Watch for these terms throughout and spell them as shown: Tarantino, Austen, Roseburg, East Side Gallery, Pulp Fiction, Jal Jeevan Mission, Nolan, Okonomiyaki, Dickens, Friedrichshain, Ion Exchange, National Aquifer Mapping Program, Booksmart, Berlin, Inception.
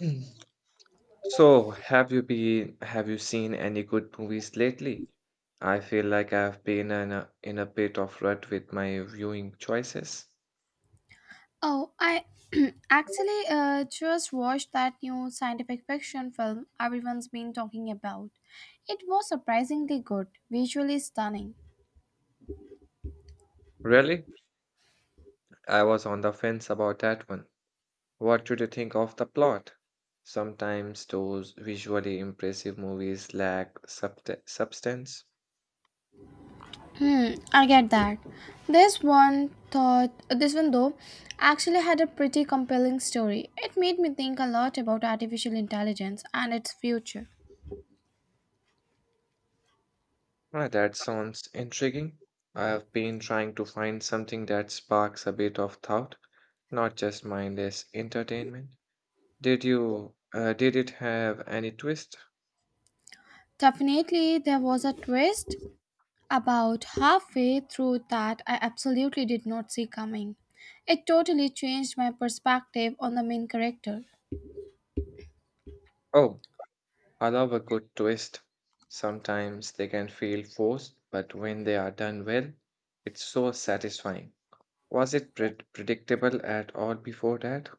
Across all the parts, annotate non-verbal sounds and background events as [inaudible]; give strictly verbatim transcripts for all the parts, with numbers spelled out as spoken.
Mm. So, have you been have you seen any good movies lately? I feel like I've been in a, in a bit of rut with my viewing choices. Oh, I [clears throat] actually uh, just watched that new scientific fiction film everyone's been talking about. It was surprisingly good, visually stunning. Really? I was on the fence about that one. What did you think of the plot? Sometimes those visually impressive movies lack subte- substance. Hmm, I get that. This one thought this one though actually had a pretty compelling story. It made me think a lot about artificial intelligence and its future. Ah, that sounds intriguing. I've been trying to find something that sparks a bit of thought, not just mindless entertainment. Did you uh, did it have any twist? Definitely there was a twist, about halfway through that, I absolutely did not see coming. It totally changed my perspective on the main character. Oh, I love a good twist. Sometimes they can feel forced, but when they are done well, it's so satisfying. Was it pred predictable at all before that?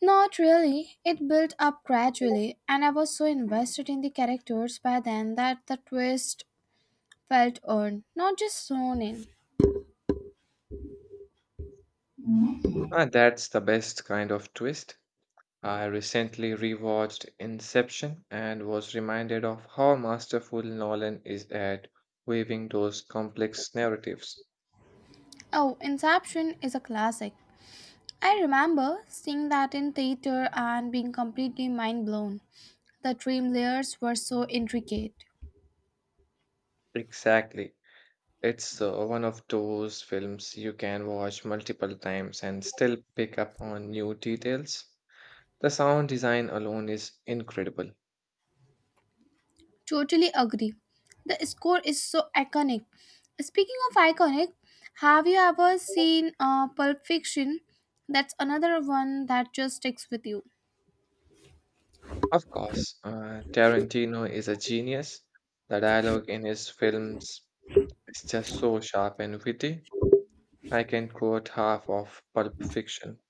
Not really, it built up gradually, and I was so invested in the characters by then that the twist felt earned, not just thrown in. Ah, that's the best kind of twist. I recently rewatched Inception and was reminded of how masterful Nolan is at weaving those complex narratives. Oh, Inception is a classic. I remember seeing that in theater and being completely mind blown. The dream layers were so intricate. Exactly. It's uh, one of those films you can watch multiple times and still pick up on new details. The sound design alone is incredible. Totally agree. The score is so iconic. Speaking of iconic, have you ever seen uh, Pulp Fiction? That's another one that just sticks with you. Of course, uh, Tarantino is a genius. The dialogue in his films is just so sharp and witty. I can quote half of Pulp Fiction.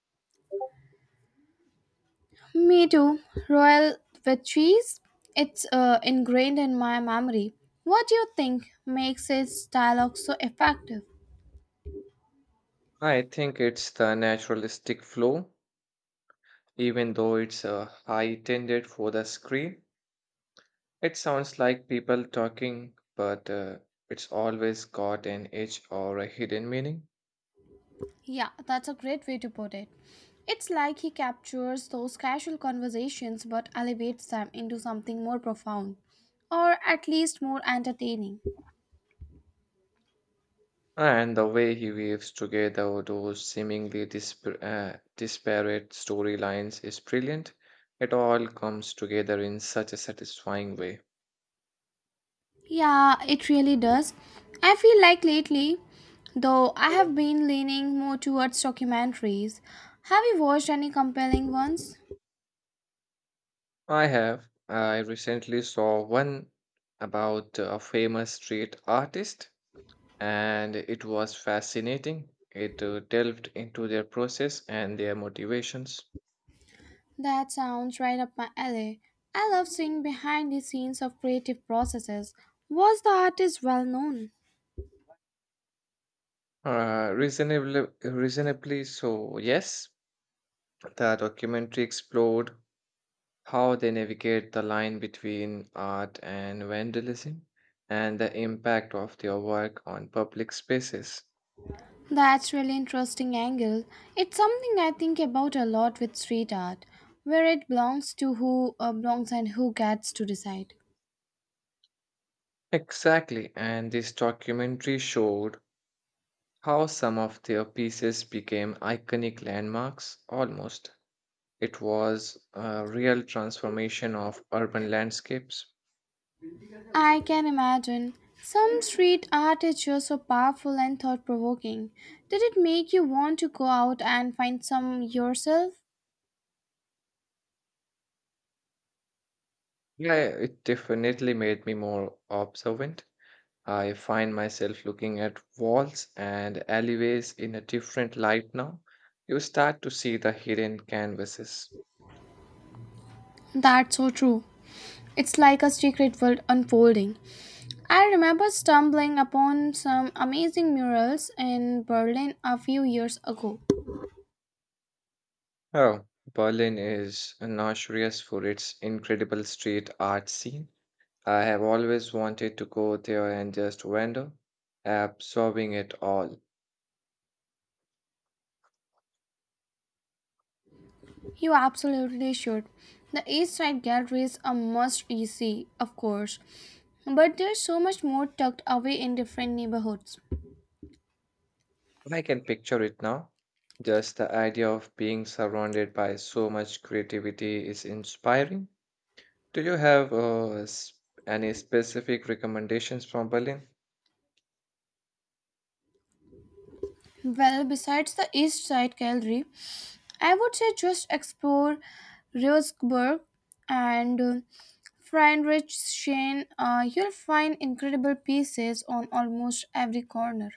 Me too. Royal with cheese. It's uh, ingrained in my memory. What do you think makes its dialogue so effective? I think it's the naturalistic flow, even though it's uh, high intended for the screen. It sounds like people talking, but uh, it's always got an edge or a hidden meaning. Yeah, that's a great way to put it. It's like he captures those casual conversations but elevates them into something more profound, or at least more entertaining. And the way he weaves together those seemingly dispar uh, disparate storylines is brilliant. It all comes together in such a satisfying way. Yeah, it really does. I feel like lately, though, I have been leaning more towards documentaries. Have you watched any compelling ones? I have. I recently saw one about a famous street artist, and it was fascinating. It uh, delved into their process and their motivations. That sounds right up my alley. I love seeing behind the scenes of creative processes. Was the artist well known? Uh, reasonably, reasonably so, yes. The documentary explored how they navigate the line between art and vandalism and the impact of their work on public spaces. That's really interesting angle. It's something I think about a lot with street art, where it belongs to who uh, belongs and who gets to decide. Exactly, and this documentary showed how some of their pieces became iconic landmarks almost. It was a real transformation of urban landscapes. I can imagine some street art is just so powerful and thought provoking. Did it make you want to go out and find some yourself? Yeah, it definitely made me more observant. I find myself looking at walls and alleyways in a different light now. You start to see the hidden canvases. That's so true. It's like a secret world unfolding. I remember stumbling upon some amazing murals in Berlin a few years ago. Oh, Berlin is notorious for its incredible street art scene. I have always wanted to go there and just wander, absorbing it all. You absolutely should. The East Side Gallery is a must you see, of course, but there's so much more tucked away in different neighborhoods. I can picture it now. Just the idea of being surrounded by so much creativity is inspiring. Do you have uh, s- any specific recommendations from Berlin? Well, besides the East Side Gallery, I would say just explore Roseburg and uh, Friedrichshain. Uh, you'll find incredible pieces on almost every corner.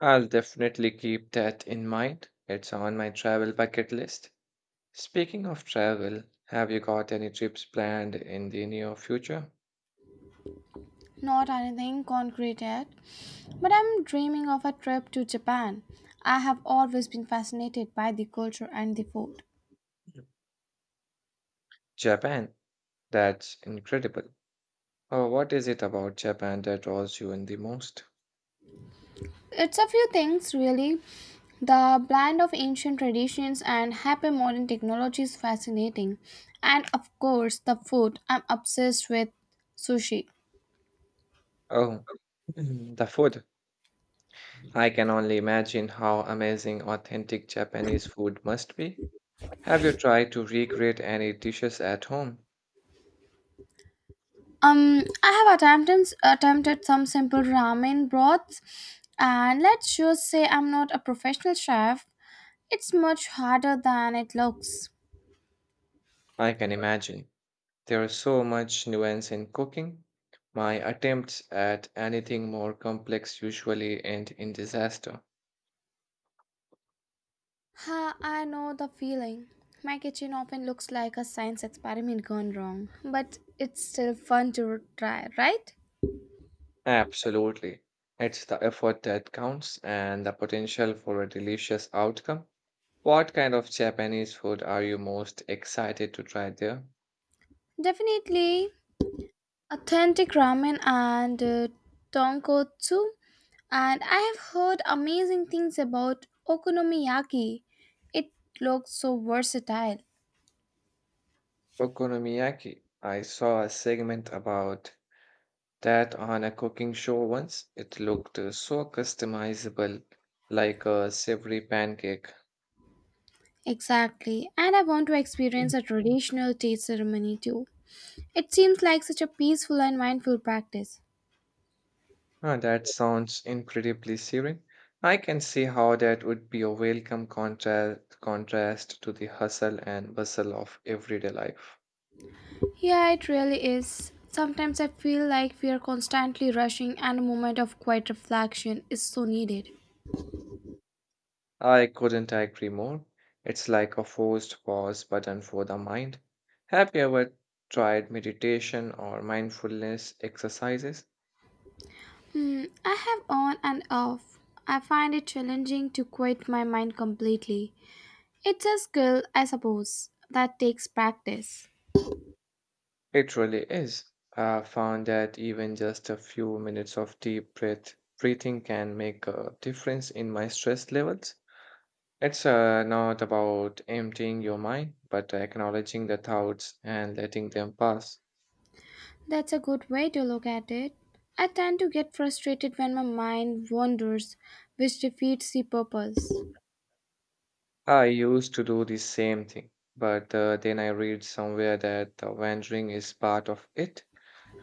I'll definitely keep that in mind. It's on my travel bucket list. Speaking of travel, have you got any trips planned in the near future? Not anything concrete yet, but I'm dreaming of a trip to Japan. I have always been fascinated by the culture and the food. Japan. That's incredible. Oh, what is it about Japan that draws you in the most? It's a few things, really. The blend of ancient traditions and hyper modern technology is fascinating. And of course, the food. I'm obsessed with sushi. Oh, [clears throat] the food. I can only imagine how amazing authentic Japanese food must be. Have you tried to recreate any dishes at home? Um, I have attempted attempted some simple ramen broths, and let's just say I'm not a professional chef. It's much harder than it looks. I can imagine. There is so much nuance in cooking. My attempts at anything more complex usually end in disaster. Ha, I know the feeling. My kitchen often looks like a science experiment gone wrong, but it's still fun to try, right? Absolutely. It's the effort that counts and the potential for a delicious outcome. What kind of Japanese food are you most excited to try there? Definitely authentic ramen and uh, tonkotsu. And I have heard amazing things about okonomiyaki. It looks so versatile. Okonomiyaki. I saw a segment about that on a cooking show once. It looked uh, so customizable, like a savory pancake. Exactly, and I want to experience a traditional tea ceremony too. It seems like such a peaceful and mindful practice. Ah, that sounds incredibly serene. I can see how that would be a welcome contrast contrast to the hustle and bustle of everyday life. Yeah, it really is. Sometimes I feel like we are constantly rushing, and a moment of quiet reflection is so needed. I couldn't agree more. It's like a forced pause button for the mind. Have you ever tried meditation or mindfulness exercises? Hmm, I have on and off. I find it challenging to quit my mind completely. It's a skill, I suppose, that takes practice. It really is. I found that even just a few minutes of deep breath breathing can make a difference in my stress levels. It's uh, not about emptying your mind, but acknowledging the thoughts and letting them pass. That's a good way to look at it. I tend to get frustrated when my mind wanders, which defeats the purpose. I used to do the same thing, but uh, then I read somewhere that uh, wandering is part of it,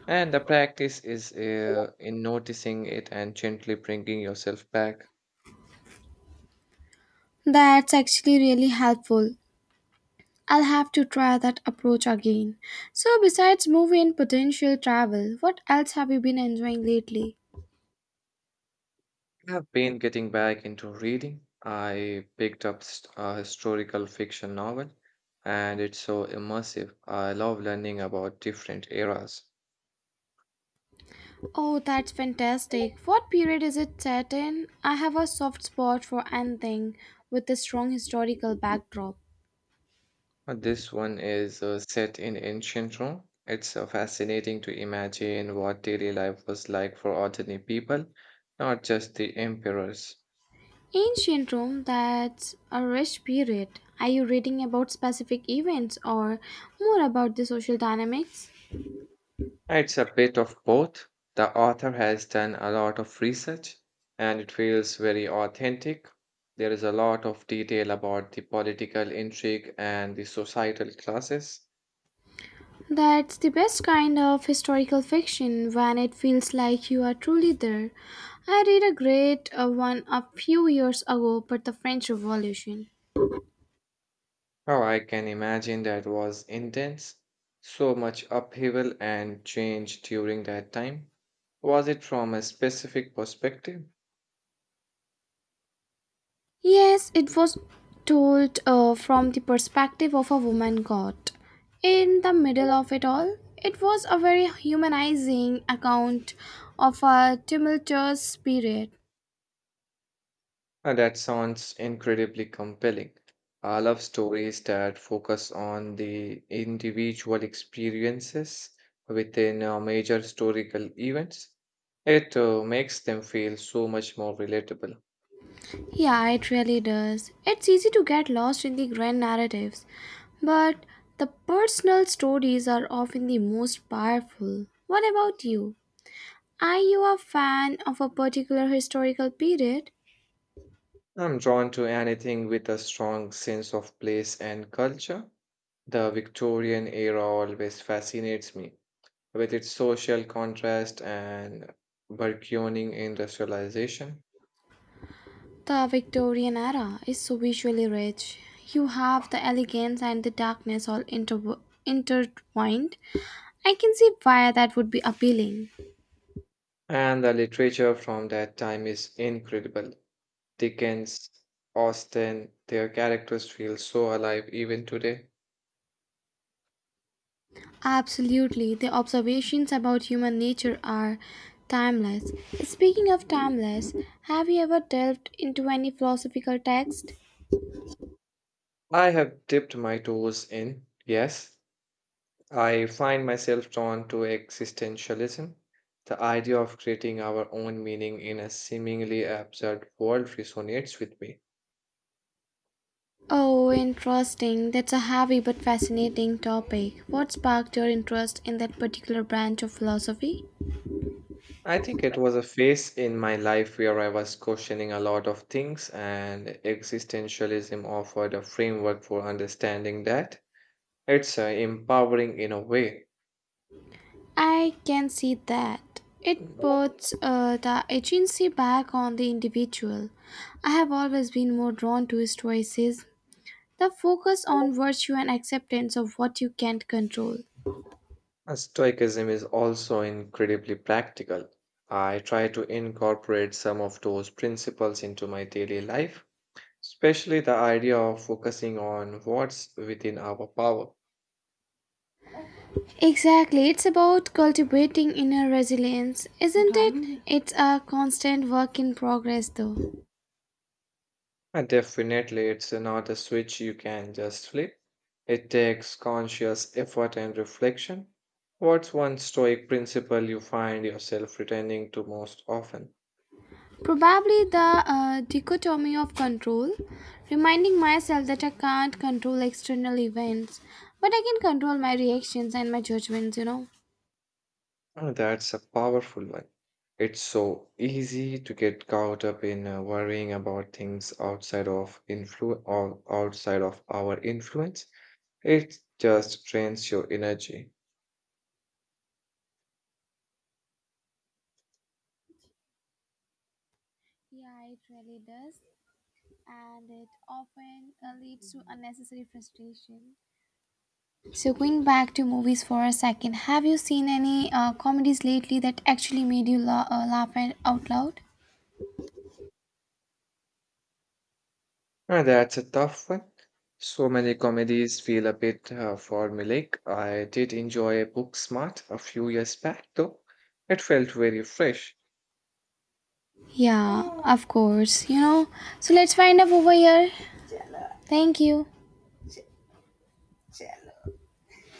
and the practice is uh, in noticing it and gently bringing yourself back. That's actually really helpful. I'll have to try that approach again. So, besides movie and potential travel, what else have you been enjoying lately? I've been getting back into reading. I picked up st- a historical fiction novel, and it's so immersive. I love learning about different eras. Oh, that's fantastic. What period is it set in? I have a soft spot for anything with a strong historical backdrop. Uh, This one is uh, set in ancient Rome. It's uh, fascinating to imagine what daily life was like for ordinary people, not just the emperors. Ancient Rome, that's a rich period. Are you reading about specific events or more about the social dynamics? It's a bit of both. The author has done a lot of research and it feels very authentic. There is a lot of detail about the political intrigue and the societal classes. That's the best kind of historical fiction when it feels like you are truly there. I read a great uh, one a few years ago, but the French Revolution. Oh, I can imagine that was intense. So much upheaval and change during that time. Was it from a specific perspective? Yes, it was told uh, from the perspective of a woman god. In the middle of it all, it was a very humanizing account of a tumultuous period. Uh, that sounds incredibly compelling. I love stories that focus on the individual experiences within uh, major historical events. It uh, makes them feel so much more relatable. Yeah, it really does. It's easy to get lost in the grand narratives, but the personal stories are often the most powerful. What about you? Are you a fan of a particular historical period? I'm drawn to anything with a strong sense of place and culture. The Victorian era always fascinates me, with its social contrast and burgeoning industrialization. The Victorian era is so visually rich. You have the elegance and the darkness all inter- intertwined. I can see why that would be appealing. And the literature from that time is incredible. Dickens, Austen, their characters feel so alive even today. Absolutely, the observations about human nature are timeless. Speaking of timeless, have you ever delved into any philosophical text? I have dipped my toes in, yes. I find myself drawn to existentialism, the idea of creating our own meaning in a seemingly absurd world resonates with me. Oh, interesting. That's a heavy but fascinating topic. What sparked your interest in that particular branch of philosophy? I think it was a phase in my life where I was questioning a lot of things, and existentialism offered a framework for understanding that. It's uh, empowering in a way. I can see that. It Mm. puts uh, the agency back on the individual. I have always been more drawn to stoicism, the focus on virtue and acceptance of what you can't control. Uh, Stoicism is also incredibly practical. I try to incorporate some of those principles into my daily life, especially the idea of focusing on what's within our power. Exactly, it's about cultivating inner resilience, isn't it? It's a constant work in progress, though. And definitely, it's not a switch you can just flip. It takes conscious effort and reflection. What's one stoic principle you find yourself returning to most often? Probably the uh, dichotomy of control, reminding myself that I can't control external events, but I can control my reactions and my judgments, you know. Oh, that's a powerful one. It's so easy to get caught up in uh, worrying about things outside of influ- or outside of our influence. It just drains your energy. Yeah, it really does, and it often uh, leads to unnecessary frustration. So, going back to movies for a second, have you seen any uh, comedies lately that actually made you la- uh, laugh and- out loud? Uh, that's a tough one. So many comedies feel a bit uh, formulaic. I did enjoy Booksmart a few years back, though. It felt very fresh. Yeah, of course, you know. So let's wind up over here. Thank you.